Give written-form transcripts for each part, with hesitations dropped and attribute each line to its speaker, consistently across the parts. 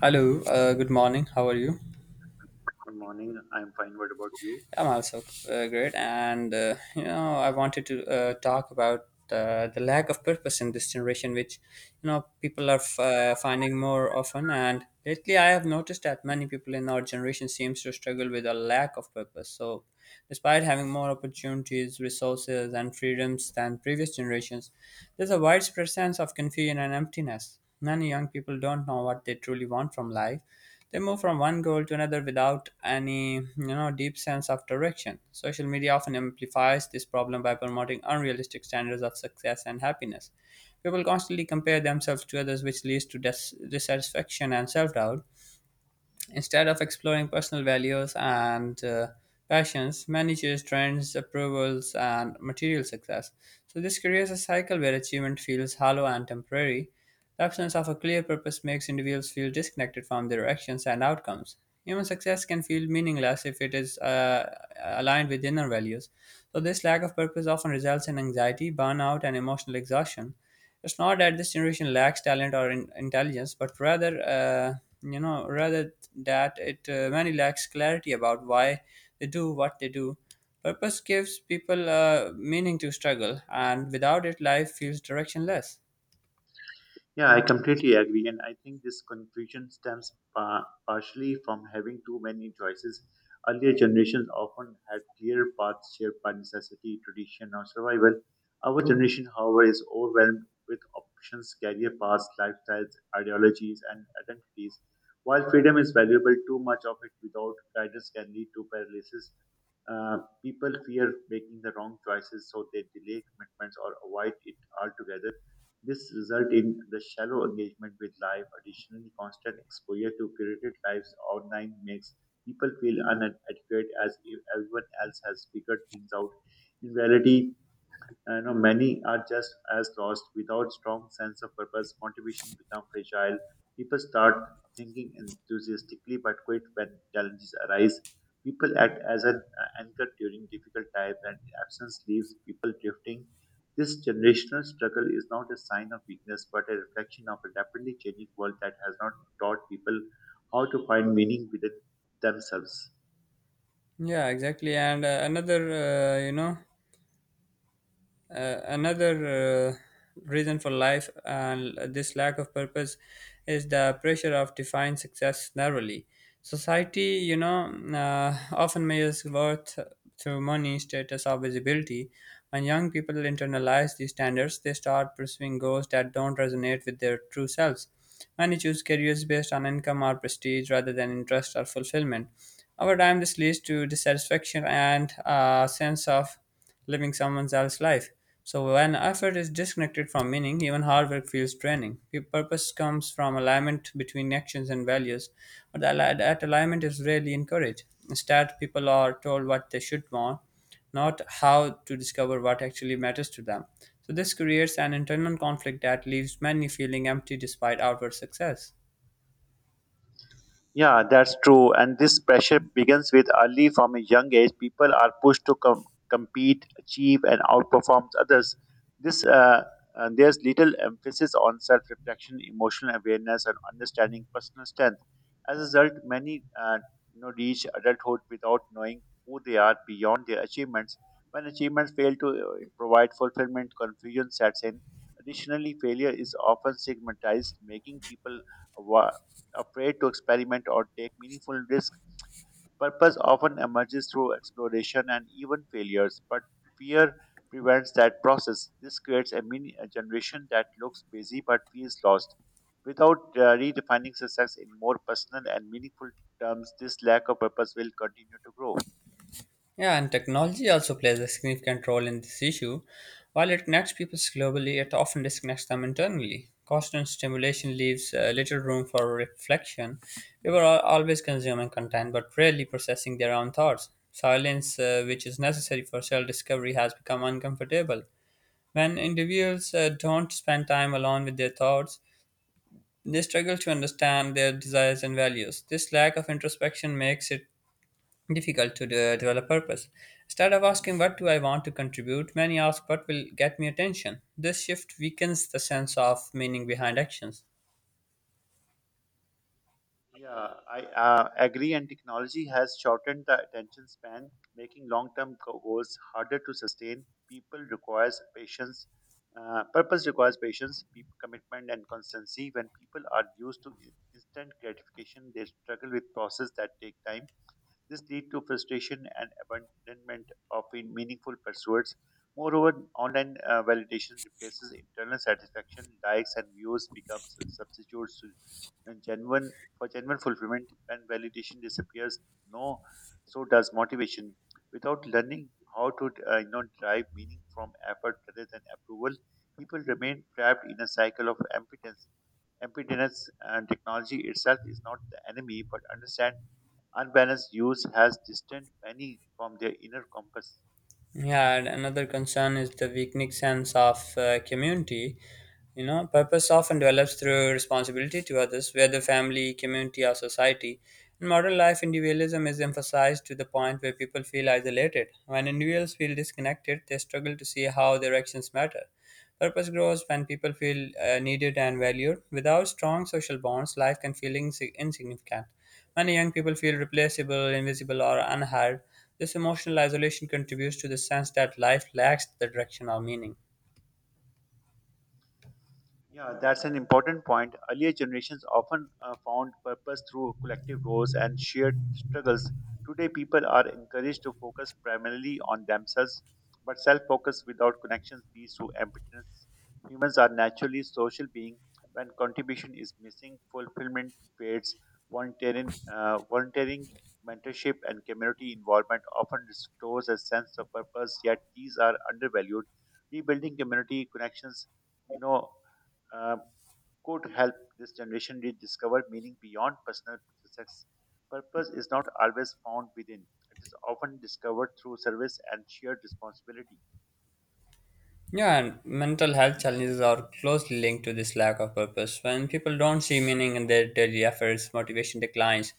Speaker 1: Hello, good morning. How are you?
Speaker 2: Good morning. I'm fine. What about you?
Speaker 1: I'm also great, and I wanted to talk about the lack of purpose in this generation, which people are finding more often. And lately, I have noticed that many people in our generation seems to struggle with a lack of purpose. So, despite having more opportunities, resources, and freedoms than previous generations, there's a widespread sense of confusion and emptiness. Many young people don't know what they truly want from life. They move from one goal to another without any, deep sense of direction. Social media often amplifies this problem by promoting unrealistic standards of success and happiness. People constantly compare themselves to others, which leads to dissatisfaction and self doubt. Instead of exploring personal values and passions, managers chase trends, approvals, and material success. So, this creates a cycle where achievement feels hollow and temporary. The absence of a clear purpose makes individuals feel disconnected from their actions and outcomes. Human success can feel meaningless if it is aligned with inner values. So, this lack of purpose often results in anxiety, burnout, and emotional exhaustion. It's not that this generation lacks talent or intelligence, but rather, rather that it many lacks clarity about why they do what they do. Purpose gives people meaning to struggle, and without it, life feels directionless.
Speaker 2: Yeah, I completely agree. And I think this confusion stems partially from having too many choices. Earlier generations often had clear paths shaped by necessity, tradition, or survival. Our generation, however, is overwhelmed with options, career paths, lifestyles, ideologies, and identities. While freedom is valuable, too much of it without guidance can lead to paralysis. People fear making the wrong choices, so they delay commitments or avoid it altogether. This result in the shallow engagement with life. Additionally, constant exposure to curated lives online makes people feel inadequate as if everyone else has figured things out. In reality, you know, many are just as lost. Without strong sense of purpose, motivation become fragile. People start thinking enthusiastically but quit when challenges arise. People act as an anchor during difficult times and absence leaves people drifting. This generational struggle is not a sign of weakness but a reflection of a rapidly changing world that has not taught people how to find meaning within themselves.
Speaker 1: Yeah, exactly. And another, you know, another reason for life and this lack of purpose is the pressure of defining success narrowly. Society, often measures worth through money, status, or visibility. When young people internalize these standards, they start pursuing goals that don't resonate with their true selves. Many choose careers based on income or prestige rather than interest or fulfillment. Over time, this leads to dissatisfaction and a sense of living someone else's life. So when effort is disconnected from meaning, even hard work feels draining. Purpose comes from alignment between actions and values, but that alignment is rarely encouraged. Instead, people are told what they should want, not how to discover what actually matters to them. So this creates an internal conflict that leaves many feeling empty despite outward success.
Speaker 2: Yeah, that's true. And this pressure begins with early from a young age. People are pushed to compete, achieve, and outperform others. This There's little emphasis on self-reflection, emotional awareness, and understanding personal strength. As a result, many reach adulthood without knowing who they are beyond their achievements. When achievements fail to provide fulfillment, confusion sets in. Additionally, failure is often stigmatized, making people afraid to experiment or take meaningful risks. Purpose often emerges through exploration and even failures, but fear prevents that process. This creates a generation that looks busy but feels lost. Without redefining success in more personal and meaningful terms, this lack of purpose will continue to grow.
Speaker 1: Yeah, and technology also plays a significant role in this issue. While it connects people globally, it often disconnects them internally. Constant stimulation leaves little room for reflection. People are always consuming content but rarely processing their own thoughts. Silence, which is necessary for self discovery, has become uncomfortable. When individuals don't spend time alone with their thoughts, they struggle to understand their desires and values. This lack of introspection makes it difficult to develop purpose. Instead of asking, what do I want to contribute? Many ask, what will get me attention? This shift weakens the sense of meaning behind actions.
Speaker 2: Yeah, I agree. And technology has shortened the attention span, making long-term goals harder to sustain. People requires patience. Purpose requires patience, commitment, and constancy. When people are used to instant gratification, they struggle with process that take time. This leads to frustration and abandonment of meaningful pursuits. Moreover, online validation replaces internal satisfaction. Likes and views become s- substitutes to and genuine for genuine fulfillment. When validation disappears, no, so does motivation. Without learning how to derive meaning from effort rather than approval, people remain trapped in a cycle of impotence. Emptiness and technology itself is not the enemy, but understand unbalanced use has distanced many from their inner compass.
Speaker 1: Yeah, and another concern is the weakening sense of community. You know, purpose often develops through responsibility to others, whether family, community, or society. In modern life, individualism is emphasized to the point where people feel isolated. When individuals feel disconnected, they struggle to see how their actions matter. Purpose grows when people feel needed and valued. Without strong social bonds, life can feel insignificant. Many young people feel replaceable, invisible, or unheard. This emotional isolation contributes to the sense that life lacks the direction or meaning.
Speaker 2: Yeah, that's an important point. Earlier generations often found purpose through collective roles and shared struggles. Today, people are encouraged to focus primarily on themselves, but self focus without connections leads to emptiness. Humans are naturally social beings. When contribution is missing, fulfillment fades. Volunteering, volunteering, mentorship, and community involvement often restores a sense of purpose, yet, these are undervalued. Rebuilding community connections you know uh, could help this generation rediscover meaning beyond personal success. Purpose is not always found within, it is often discovered through service and shared responsibility.
Speaker 1: Yeah, and mental health challenges are closely linked to this lack of purpose. When people don't see meaning in their daily efforts, motivation declines.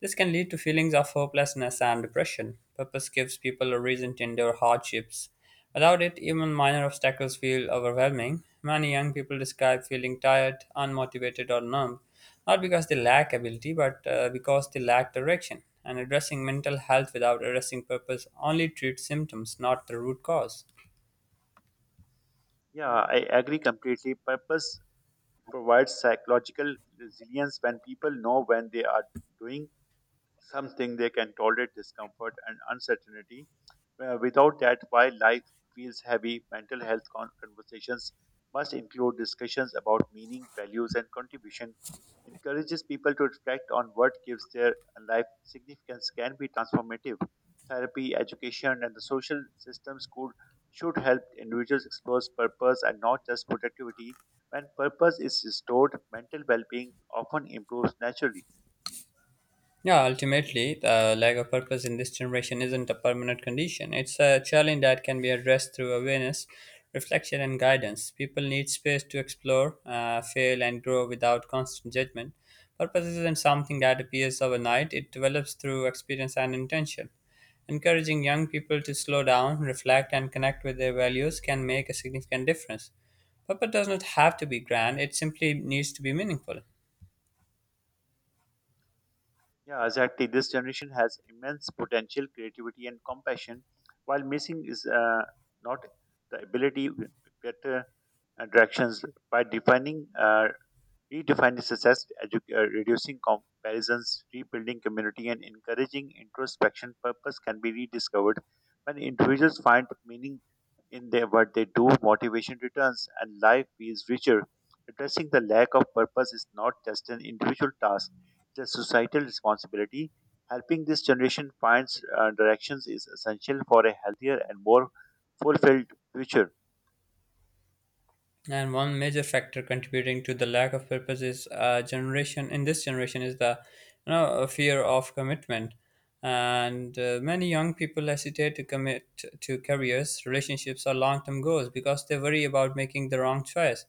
Speaker 1: This can lead to feelings of hopelessness and depression. Purpose gives people a reason to endure hardships. Without it, even minor obstacles feel overwhelming. Many young people describe feeling tired, unmotivated, or numb, not because they lack ability, but because they lack direction. And addressing mental health without addressing purpose only treats symptoms, not the root cause.
Speaker 2: Yeah, I agree completely. Purpose provides psychological resilience. When people know when they are doing something, they can tolerate discomfort and uncertainty. Without that, while life feels heavy, mental health conversations must include discussions about meaning, values, and contribution. Encourages people to reflect on what gives their life significance can be transformative. Therapy, education, and the social systems could should help individuals explore purpose and not just productivity. When purpose is restored, mental well-being often improves naturally.
Speaker 1: Yeah, ultimately, the lack of purpose in this generation isn't a permanent condition. It's a challenge that can be addressed through awareness, reflection, and guidance. People need space to explore, fail, and grow without constant judgment. Purpose isn't something that appears overnight, it develops through experience and intention. Encouraging young people to slow down, reflect, and connect with their values can make a significant difference. Purpose does not have to be grand, it simply needs to be meaningful.
Speaker 2: Yeah, exactly. This generation has immense potential, creativity, and compassion, while missing is not the ability to better directions by defining. Redefining success, reducing comparisons, rebuilding community, and encouraging introspection, purpose can be rediscovered. When individuals find meaning in their, what they do, motivation returns, and life feels richer. Addressing the lack of purpose is not just an individual task, it's a societal responsibility. Helping this generation find directions is essential for a healthier and more fulfilled future.
Speaker 1: And one major factor contributing to the lack of purpose is generation. In this generation, is the a fear of commitment, and many young people hesitate to commit to careers, relationships, or long-term goals because they worry about making the wrong choice.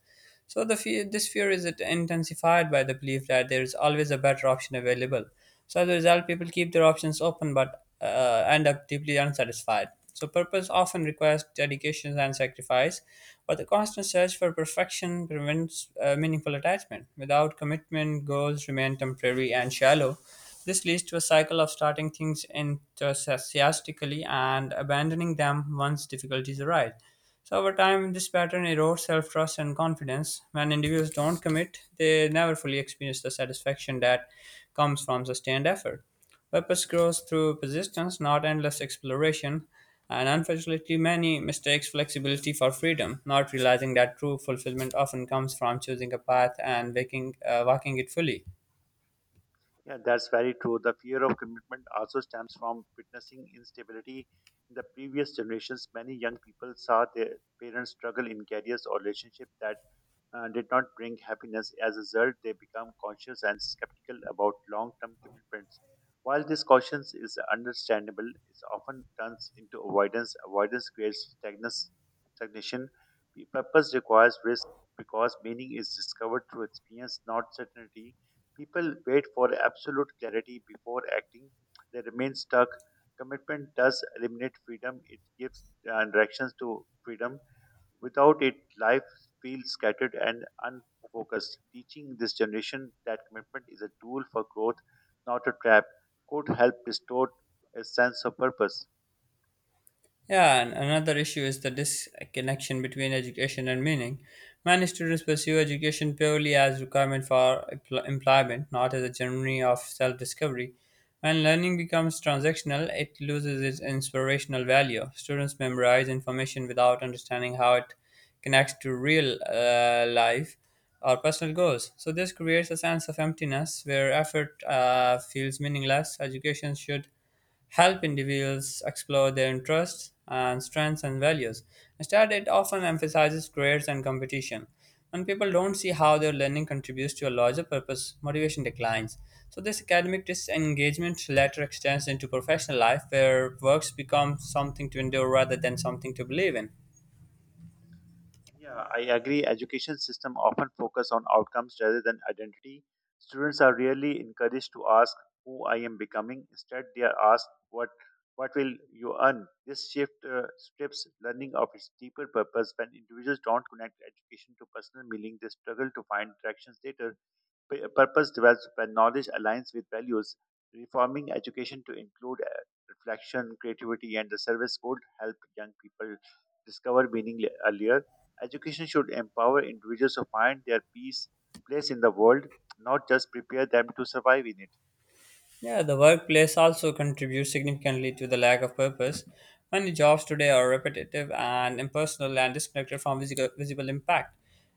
Speaker 1: So the fear, this fear is intensified by the belief that there is always a better option available. So as a result, people keep their options open but end up deeply unsatisfied. So purpose often requires dedication and sacrifice, but the constant search for perfection prevents meaningful attachment. Without commitment, goals remain temporary and shallow. This leads to a cycle of starting things enthusiastically and abandoning them once difficulties arise. So over time, this pattern erodes self-trust and confidence. When individuals don't commit, they never fully experience the satisfaction that comes from sustained effort. Purpose grows through persistence, not endless exploration. And unfortunately, many mistakes flexibility for freedom, not realizing that true fulfillment often comes from choosing a path and walking it fully.
Speaker 2: Yeah, that's very true. The fear of commitment also stems from witnessing instability. In the previous generations, many young people saw their parents struggle in careers or relationships that did not bring happiness. As a result, they become conscious and skeptical about long term commitments. While this caution is understandable, it often turns into avoidance. Avoidance creates stagnation. P- Purpose requires risk because meaning is discovered through experience, not certainty. People wait for absolute clarity before acting. They remain stuck. Commitment does eliminate freedom, it gives directions to freedom. Without it, life feels scattered and unfocused. Teaching this generation that commitment is a tool for growth, not a trap, could help restore a sense of purpose.
Speaker 1: Yeah, and another issue is the disconnection between education and meaning. Many students pursue education purely as requirement for employment, not as a journey of self-discovery. When learning becomes transactional, it loses its inspirational value. Students memorize information without understanding how it connects to real life or personal goals. So this creates a sense of emptiness where effort feels meaningless. Education should help individuals explore their interests and strengths and values. Instead, it often emphasizes grades and competition. When people don't see how their learning contributes to a larger purpose, motivation declines. So, this academic disengagement later extends into professional life, where works become something to endure rather than something to believe in.
Speaker 2: Yeah, I agree. Education system often focus on outcomes rather than identity. Students are rarely encouraged to ask who I am becoming. Instead, they are asked what will you earn. This shift strips learning of its deeper purpose. When individuals don't connect education to personal meaning, they struggle to find directions later. P- Purpose develops when knowledge aligns with values. Reforming education to include reflection, creativity, and the service would help young people discover meaning earlier. Education should empower individuals to find their peace, place in the world, not just prepare them to survive in it.
Speaker 1: Yeah, the workplace also contributes significantly to the lack of purpose. Many jobs today are repetitive and impersonal and disconnected from visible impact.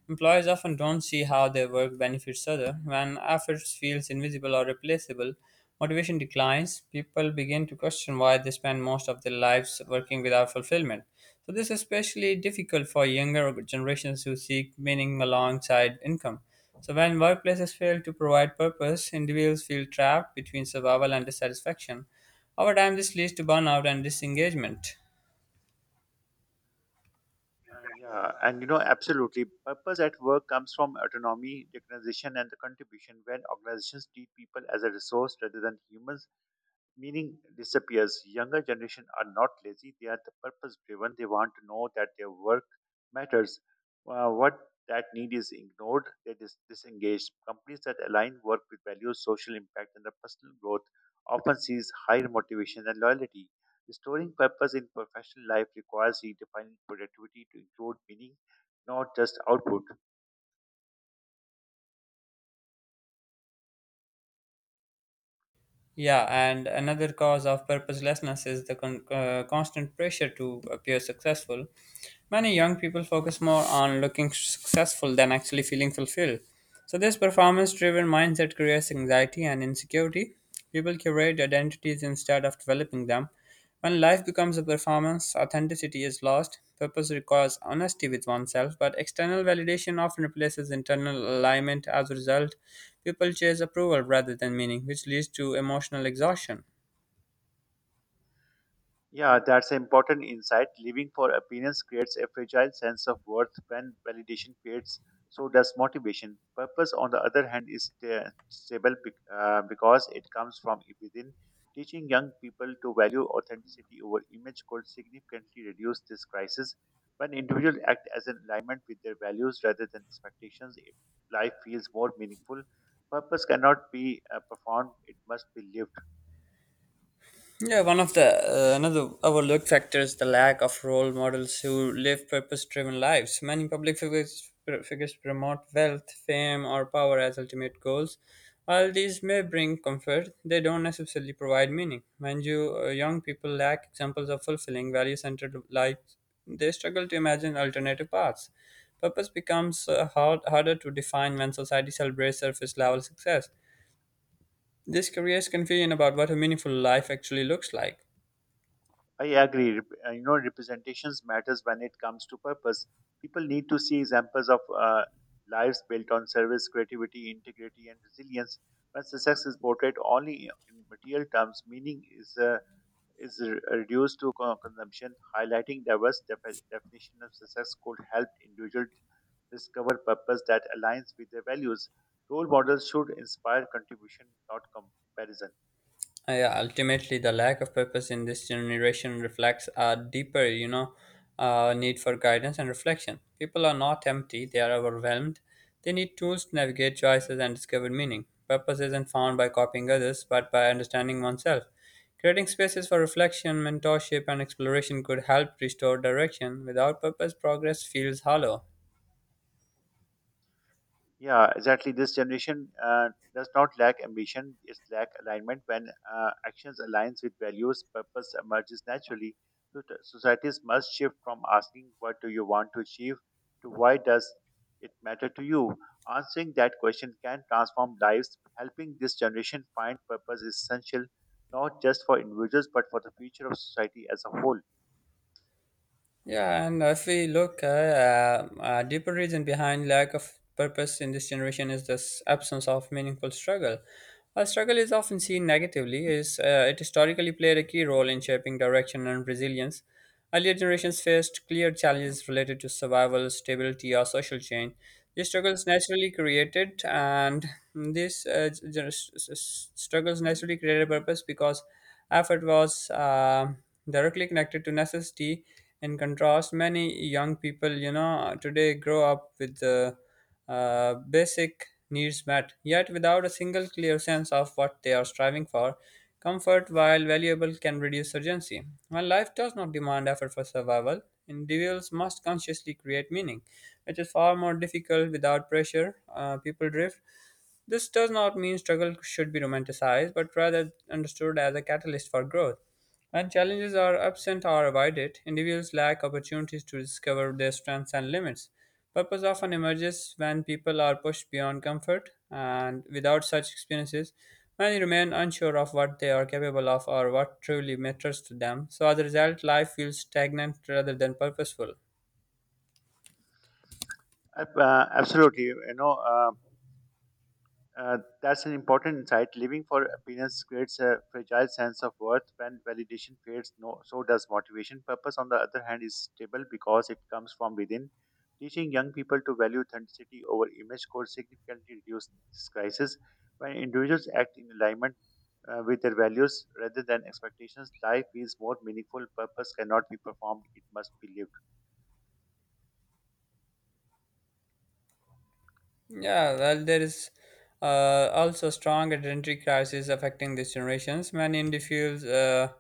Speaker 1: Employees often don't see how their work benefits others. When efforts feels invisible or replaceable, motivation declines. People begin to question why they spend most of their lives working without fulfillment. So this is especially difficult for younger generations who seek meaning alongside income. So, when workplaces fail to provide purpose, individuals feel trapped between survival and dissatisfaction. Over time, this leads to burnout and disengagement.
Speaker 2: Yeah, and you know, absolutely. Purpose at work comes from autonomy, recognition, and the contribution. When organizations treat people as a resource rather than humans, meaning disappears. Younger generation are not lazy; they are the purpose-driven. They want to know that their work matters. What that need is ignored, they disengaged. Companies that align work with values, social impact, and the personal growth often sees higher motivation and loyalty. Restoring purpose in professional life requires redefining productivity to include meaning, not just output.
Speaker 1: Yeah, and another cause of purposelessness is the constant pressure to appear successful. Many young people focus more on looking successful than actually feeling fulfilled. So, this performance driven mindset creates anxiety and insecurity. People curate identities instead of developing them. When life becomes a performance, authenticity is lost. Purpose requires honesty with oneself, but external validation often replaces internal alignment. As a result, people chase approval rather than meaning, which leads to emotional exhaustion.
Speaker 2: Yeah, that's an important insight. Living for appearance creates a fragile sense of worth when validation fades. So does motivation. Purpose, on the other hand, is stable because it comes from within. Teaching young people to value authenticity over image could significantly reduce this crisis. When individuals act as in alignment with their values rather than expectations, if life feels more meaningful. Purpose cannot be performed; it must be lived.
Speaker 1: Yeah, one of the another overlooked factor is the lack of role models who live purpose-driven lives. Many public figures promote wealth, fame, or power as ultimate goals. While these may bring comfort, they don't necessarily provide meaning. When young people lack examples of fulfilling value-centered lives, they struggle to imagine alternative paths. Purpose becomes harder to define when society celebrates surface level success. This creates confusion about what a meaningful life actually looks like.
Speaker 2: I agree. Rep- you know, representations matters when it comes to purpose. People need to see examples of lives built on service, creativity, integrity, and resilience. When success is portrayed only in material terms, meaning is reduced to consumption. Highlighting diverse definition of success could help individuals discover purpose that aligns with their values. Role models should inspire contribution, not comparison.
Speaker 1: Yeah, ultimately, the lack of purpose in this generation reflects a deeper, need for guidance and reflection. People are not empty; they are overwhelmed. They need tools to navigate choices and discover meaning. Purpose isn't found by copying others, but by understanding oneself. Creating spaces for reflection, mentorship, and exploration could help restore direction. Without purpose, progress feels hollow.
Speaker 2: Yeah, exactly. This generation does not lack ambition; it lack alignment. When actions aligns with values, purpose emerges naturally. So t- societies must shift from asking "What do you want to achieve?" to "Why does it matter to you?" Answering that question can transform lives. Helping this generation find purpose is essential, not just for individuals but for the future of society as a whole.
Speaker 1: Yeah, and if we look at a deeper reason behind lack of purpose in this generation is this absence of meaningful struggle. While struggle is often seen negatively, is it historically played a key role in shaping direction and resilience. Earlier generations faced clear challenges related to survival, stability, or social change. These struggles naturally created, and these gener- s- s- struggles naturally created a purpose because effort was directly connected to necessity. In contrast, many young people, today grow up with the basic needs met, yet without a single clear sense of what they are striving for. Comfort, while valuable, can reduce urgency. While life does not demand effort for survival, individuals must consciously create meaning, which is far more difficult without pressure. People drift this does not mean struggle should be romanticized, but rather understood as a catalyst for growth. When challenges are absent or avoided, individuals lack opportunities to discover their strengths and limits. Purpose often emerges when people are pushed beyond comfort, and without such experiences, many remain unsure of what they are capable of or what truly matters to them. So, as a result, life feels stagnant rather than purposeful.
Speaker 2: Ab- absolutely, you know. That's an important insight. Living for appearance creates a fragile sense of worth. When validation fades, no, so does motivation. Purpose, on the other hand, is stable because it comes from within. Teaching young people to value authenticity over image could significantly reduce this crisis. When individuals act in alignment with their values rather than expectations, life feels more meaningful. Purpose cannot be performed, it must be lived.
Speaker 1: Yeah, well, there is also strong identity crisis affecting these generations. Many individuals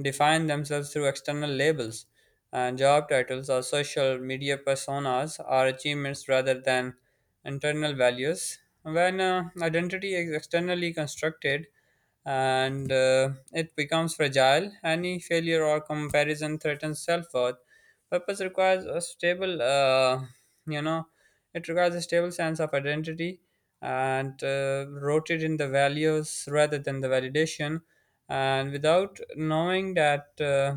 Speaker 1: define themselves through external labels and job titles or social media personas or achievements rather than internal values. When identity is externally constructed, and it becomes fragile. Any failure or comparison threatens self-worth. Purpose requires a stable, you know, it requires a stable sense of identity and rooted in the values rather than the validation. And without knowing that.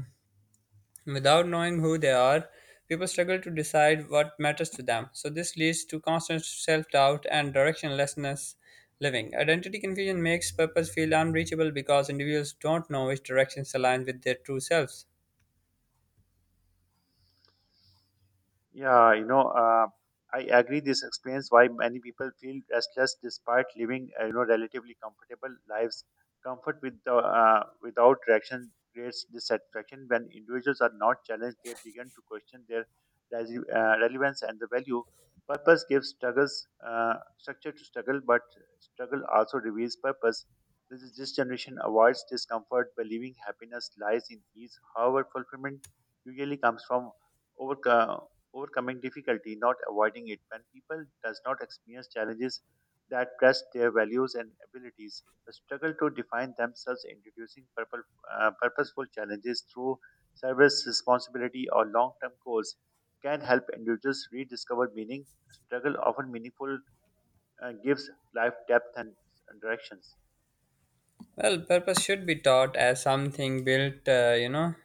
Speaker 1: Without knowing who they are, people struggle to decide what matters to them. So, this leads to constant self doubt and directionlessness living. Identity confusion makes purpose feel unreachable because individuals don't know which directions align with their true selves.
Speaker 2: Yeah, you know, I agree. This explains why many people feel restless despite living, relatively comfortable lives. Comfort without direction creates dissatisfaction. When individuals are not challenged, they begin to question their relevance and the value. Purpose gives struggles structure to struggle, but struggle also reveals purpose. This is this generation avoids discomfort, believing happiness lies in ease. However, fulfillment usually comes from overcome overcoming difficulty, not avoiding it. When people does not experience challenges that test their values and abilities, the struggle to define themselves, introducing purposeful challenges through service, responsibility, or long-term goals, can help individuals rediscover meaning. Struggle often meaningful gives life depth and directions.
Speaker 1: Well, purpose should be taught as something built, uh, you know,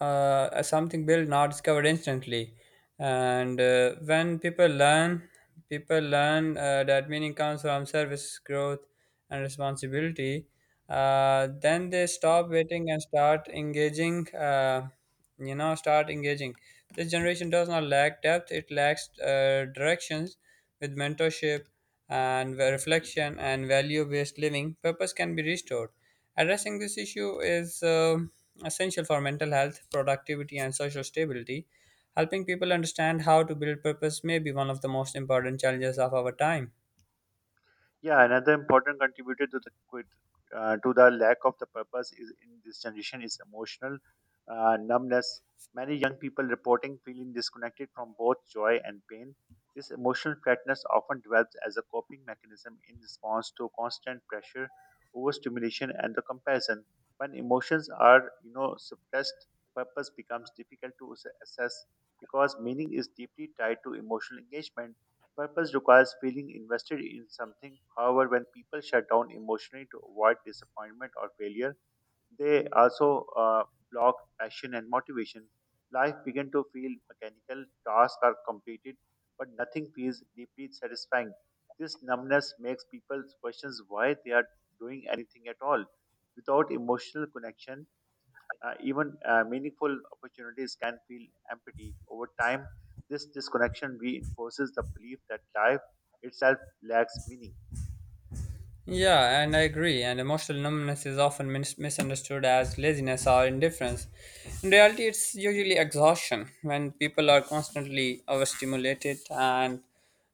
Speaker 1: uh, something built, not discovered instantly, and when people learn that meaning comes from service, growth, and responsibility. Then they stop waiting and start engaging you know start engaging this generation does not lack depth, it lacks directions. With mentorship and reflection and value based living, purpose can be restored. Addressing this issue is essential for mental health, productivity, and social stability. Helping people understand how to build purpose may be one of the most important challenges of our time.
Speaker 2: Yeah, another important contributor to the lack of the purpose is in this generation is emotional numbness. Many young people reporting feeling disconnected from both joy and pain. This emotional flatness often develops as a coping mechanism in response to constant pressure, overstimulation, and the comparison. When emotions are, you know, suppressed, purpose becomes difficult to assess because meaning is deeply tied to emotional engagement. Purpose requires feeling invested in something. However, when people shut down emotionally to avoid disappointment or failure, they also block passion and motivation. Life begins to feel mechanical, tasks are completed, but nothing feels deeply satisfying. This numbness makes people question why they are doing anything at all. Without emotional connection, even meaningful opportunities can feel empty over time. This disconnection reinforces the belief that life itself lacks meaning.
Speaker 1: Yeah, and I agree. And emotional numbness is often misunderstood as laziness or indifference. In reality, it's usually exhaustion. When people are constantly overstimulated and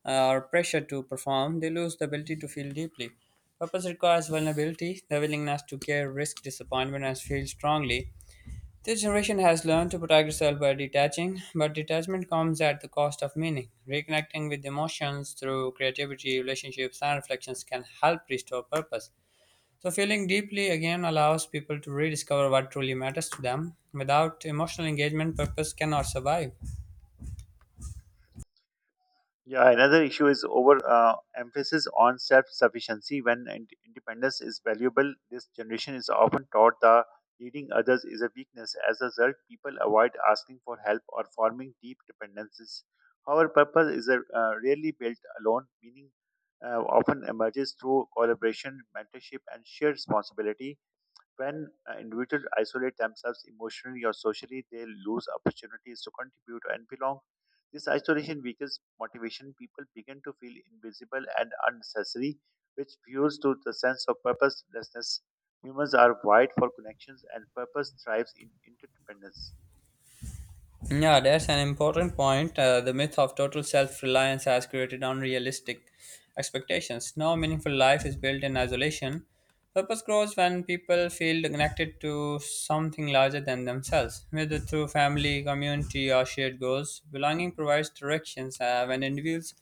Speaker 1: are pressured to perform, they lose the ability to feel deeply. Purpose requires vulnerability, the willingness to care, risk disappointment, and feel strongly. This generation has learned to protect itself by detaching, but detachment comes at the cost of meaning. Reconnecting with emotions through creativity, relationships, and reflections can help restore purpose. So, feeling deeply again allows people to rediscover what truly matters to them. Without emotional engagement, purpose cannot survive.
Speaker 2: Yeah, another issue is over emphasis on self-sufficiency. When independence is valuable, this generation is often taught that leading others is a weakness. As a result, people avoid asking for help or forming deep dependencies. However, purpose is rarely built alone. Meaning often emerges through collaboration, mentorship, and shared responsibility. When individuals isolate themselves emotionally or socially, they lose opportunities to contribute and belong. This isolation weakens motivation. People begin to feel invisible and unnecessary, which fuels to the sense of purposelessness. Humans are wired for connections, and purpose thrives in interdependence.
Speaker 1: Yeah, that's an important point. The myth of total self reliance has created unrealistic expectations. No meaningful life is built in isolation. Purpose grows when people feel connected to something larger than themselves, whether through family, community, or shared goals. Belonging provides directions when individuals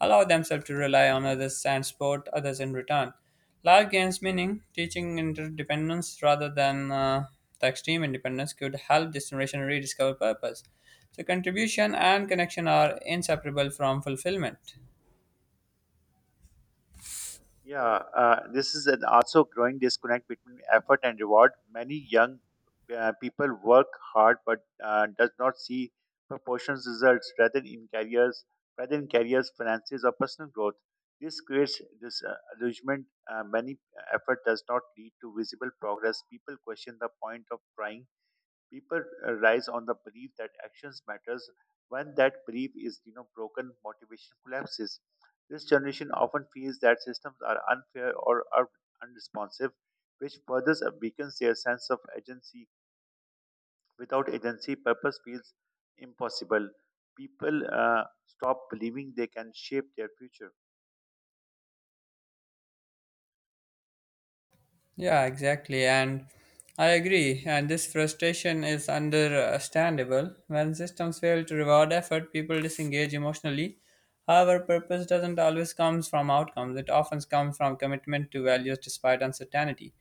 Speaker 1: allow themselves to rely on others and support others in return. Life gains meaning. Teaching interdependence rather than the extreme independence could help this generation rediscover purpose. So, contribution and connection are inseparable from fulfillment.
Speaker 2: Yeah, this is an also growing disconnect between effort and reward. Many young people work hard but does not see proportions results rather in careers, finances, or personal growth. This creates this illusionment. Many effort does not lead to visible progress. People question the point of trying. People rise on the belief that actions matters. When that belief is broken, motivation collapses. This generation often feels that systems are unfair or are unresponsive, which further weakens their sense of agency. Without agency, purpose feels impossible. People stop believing they can shape their future.
Speaker 1: Yeah, exactly. And I agree. And this frustration is understandable. When systems fail to reward effort, people disengage emotionally. However, purpose doesn't always come from outcomes, it often comes from commitment to values despite uncertainty.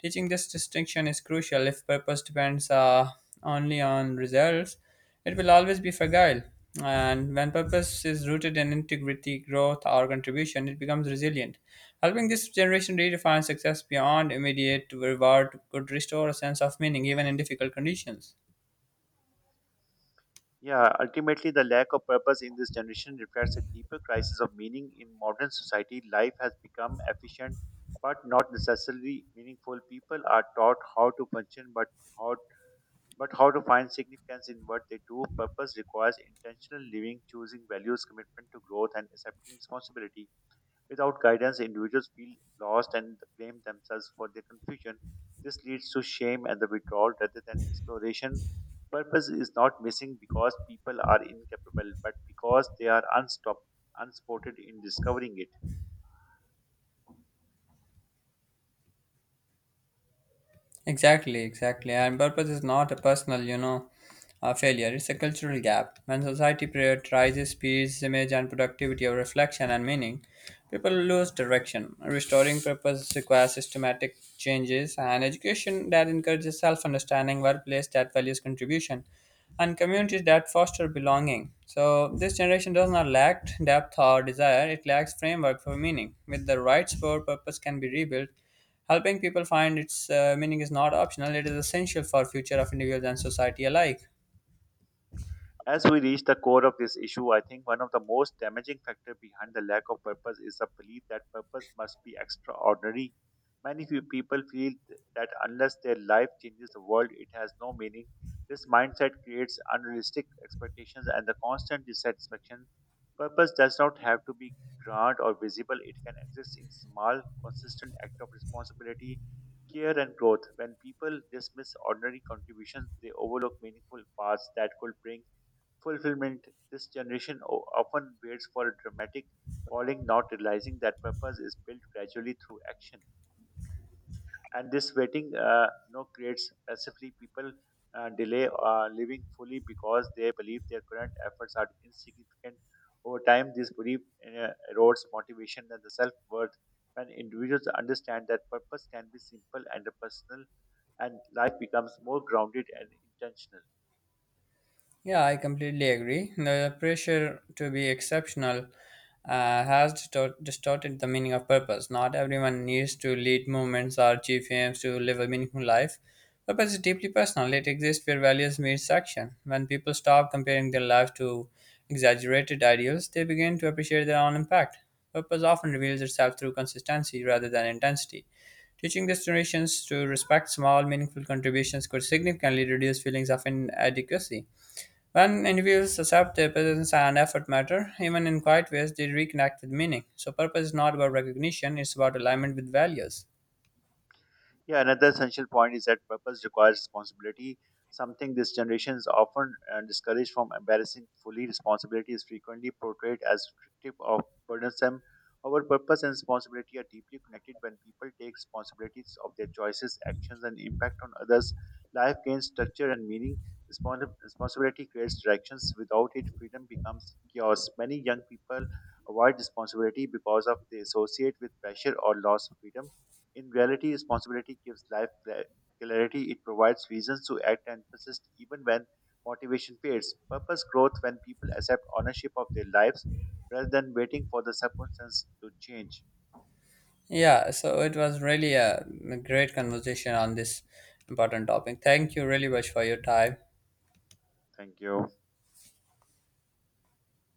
Speaker 1: Teaching this distinction is crucial. If purpose depends only on results, it will always be fragile, and when purpose is rooted in integrity, growth, or contribution, it becomes resilient. Helping this generation redefine success beyond immediate reward could restore a sense of meaning even in difficult conditions.
Speaker 2: Yeah, ultimately, the lack of purpose in this generation reflects a deeper crisis of meaning in modern society. Life has become efficient, but not necessarily meaningful. People are taught how to function, but how how to find significance in what they do. Purpose requires intentional living, choosing values, commitment to growth, and accepting responsibility. Without guidance, individuals feel lost and blame themselves for their confusion. This leads to shame and the withdrawal rather than exploration. Purpose is not missing because people are incapable, but because they are unspotted in discovering it.
Speaker 1: Exactly, exactly. And purpose is not a personal, you know, failure. It's a cultural gap. When society prioritizes speed, image, and productivity over reflection and meaning, people lose direction. Restoring purpose requires systematic changes and education that encourages self-understanding, workplace that values contribution, and communities that foster belonging. So, this generation does not lack depth or desire; it lacks framework for meaning. With the right support, purpose can be rebuilt. Helping people find its meaning is not optional, it is essential for future of individuals and society alike.
Speaker 2: As we reach the core of this issue, I think one of the most damaging factors behind the lack of purpose is the belief that purpose must be extraordinary. Many few people feel that unless their life changes the world, it has no meaning. This mindset creates unrealistic expectations and the constant dissatisfaction. Purpose does not have to be grand or visible, it can exist in small, consistent act of responsibility, care, and growth. When people dismiss ordinary contributions, they overlook meaningful paths that could bring fulfillment. This generation often waits for a dramatic calling, not realizing that purpose is built gradually through action. And this waiting creates passively people delay living fully because they believe their current efforts are insignificant. Over time, this belief uh, erodes motivation and the self worth. When individuals understand that purpose can be simple and personal, and life becomes more grounded and intentional.
Speaker 1: Yeah, I completely agree. The pressure to be exceptional uh, has distorted the meaning of purpose. Not everyone needs to lead movements or achieve aims to live a meaningful life. Purpose is deeply personal. It exists where values meet action. When people stop comparing their lives to exaggerated ideals, they begin to appreciate their own impact. Purpose often reveals itself through consistency rather than intensity. Teaching these generations to respect small, meaningful contributions could significantly reduce feelings of inadequacy. When individuals accept their presence and effort matter, even in quiet ways, they reconnect with meaning. So, purpose is not about recognition, it's about alignment with values.
Speaker 2: Yeah, another essential point is that purpose requires responsibility, something this generation is often discouraged from embarrassing fully. Responsibility is frequently portrayed as restrictive or burdensome. Our purpose and responsibility are deeply connected when people take responsibilities of their choices, actions, and impact on others. Life gains structure and meaning. Responsibility creates directions. Without it, freedom becomes chaos. Many young people avoid responsibility because of they associate with pressure or loss of freedom in reality, responsibility gives life clarity. It provides reasons to act and persist even when motivation fades. Purpose growth when people accept ownership of their lives rather than waiting for the circumstance to change.
Speaker 1: Yeah, so it was really a great conversation on this important topic. Thank you really much for your time.
Speaker 2: Thank you.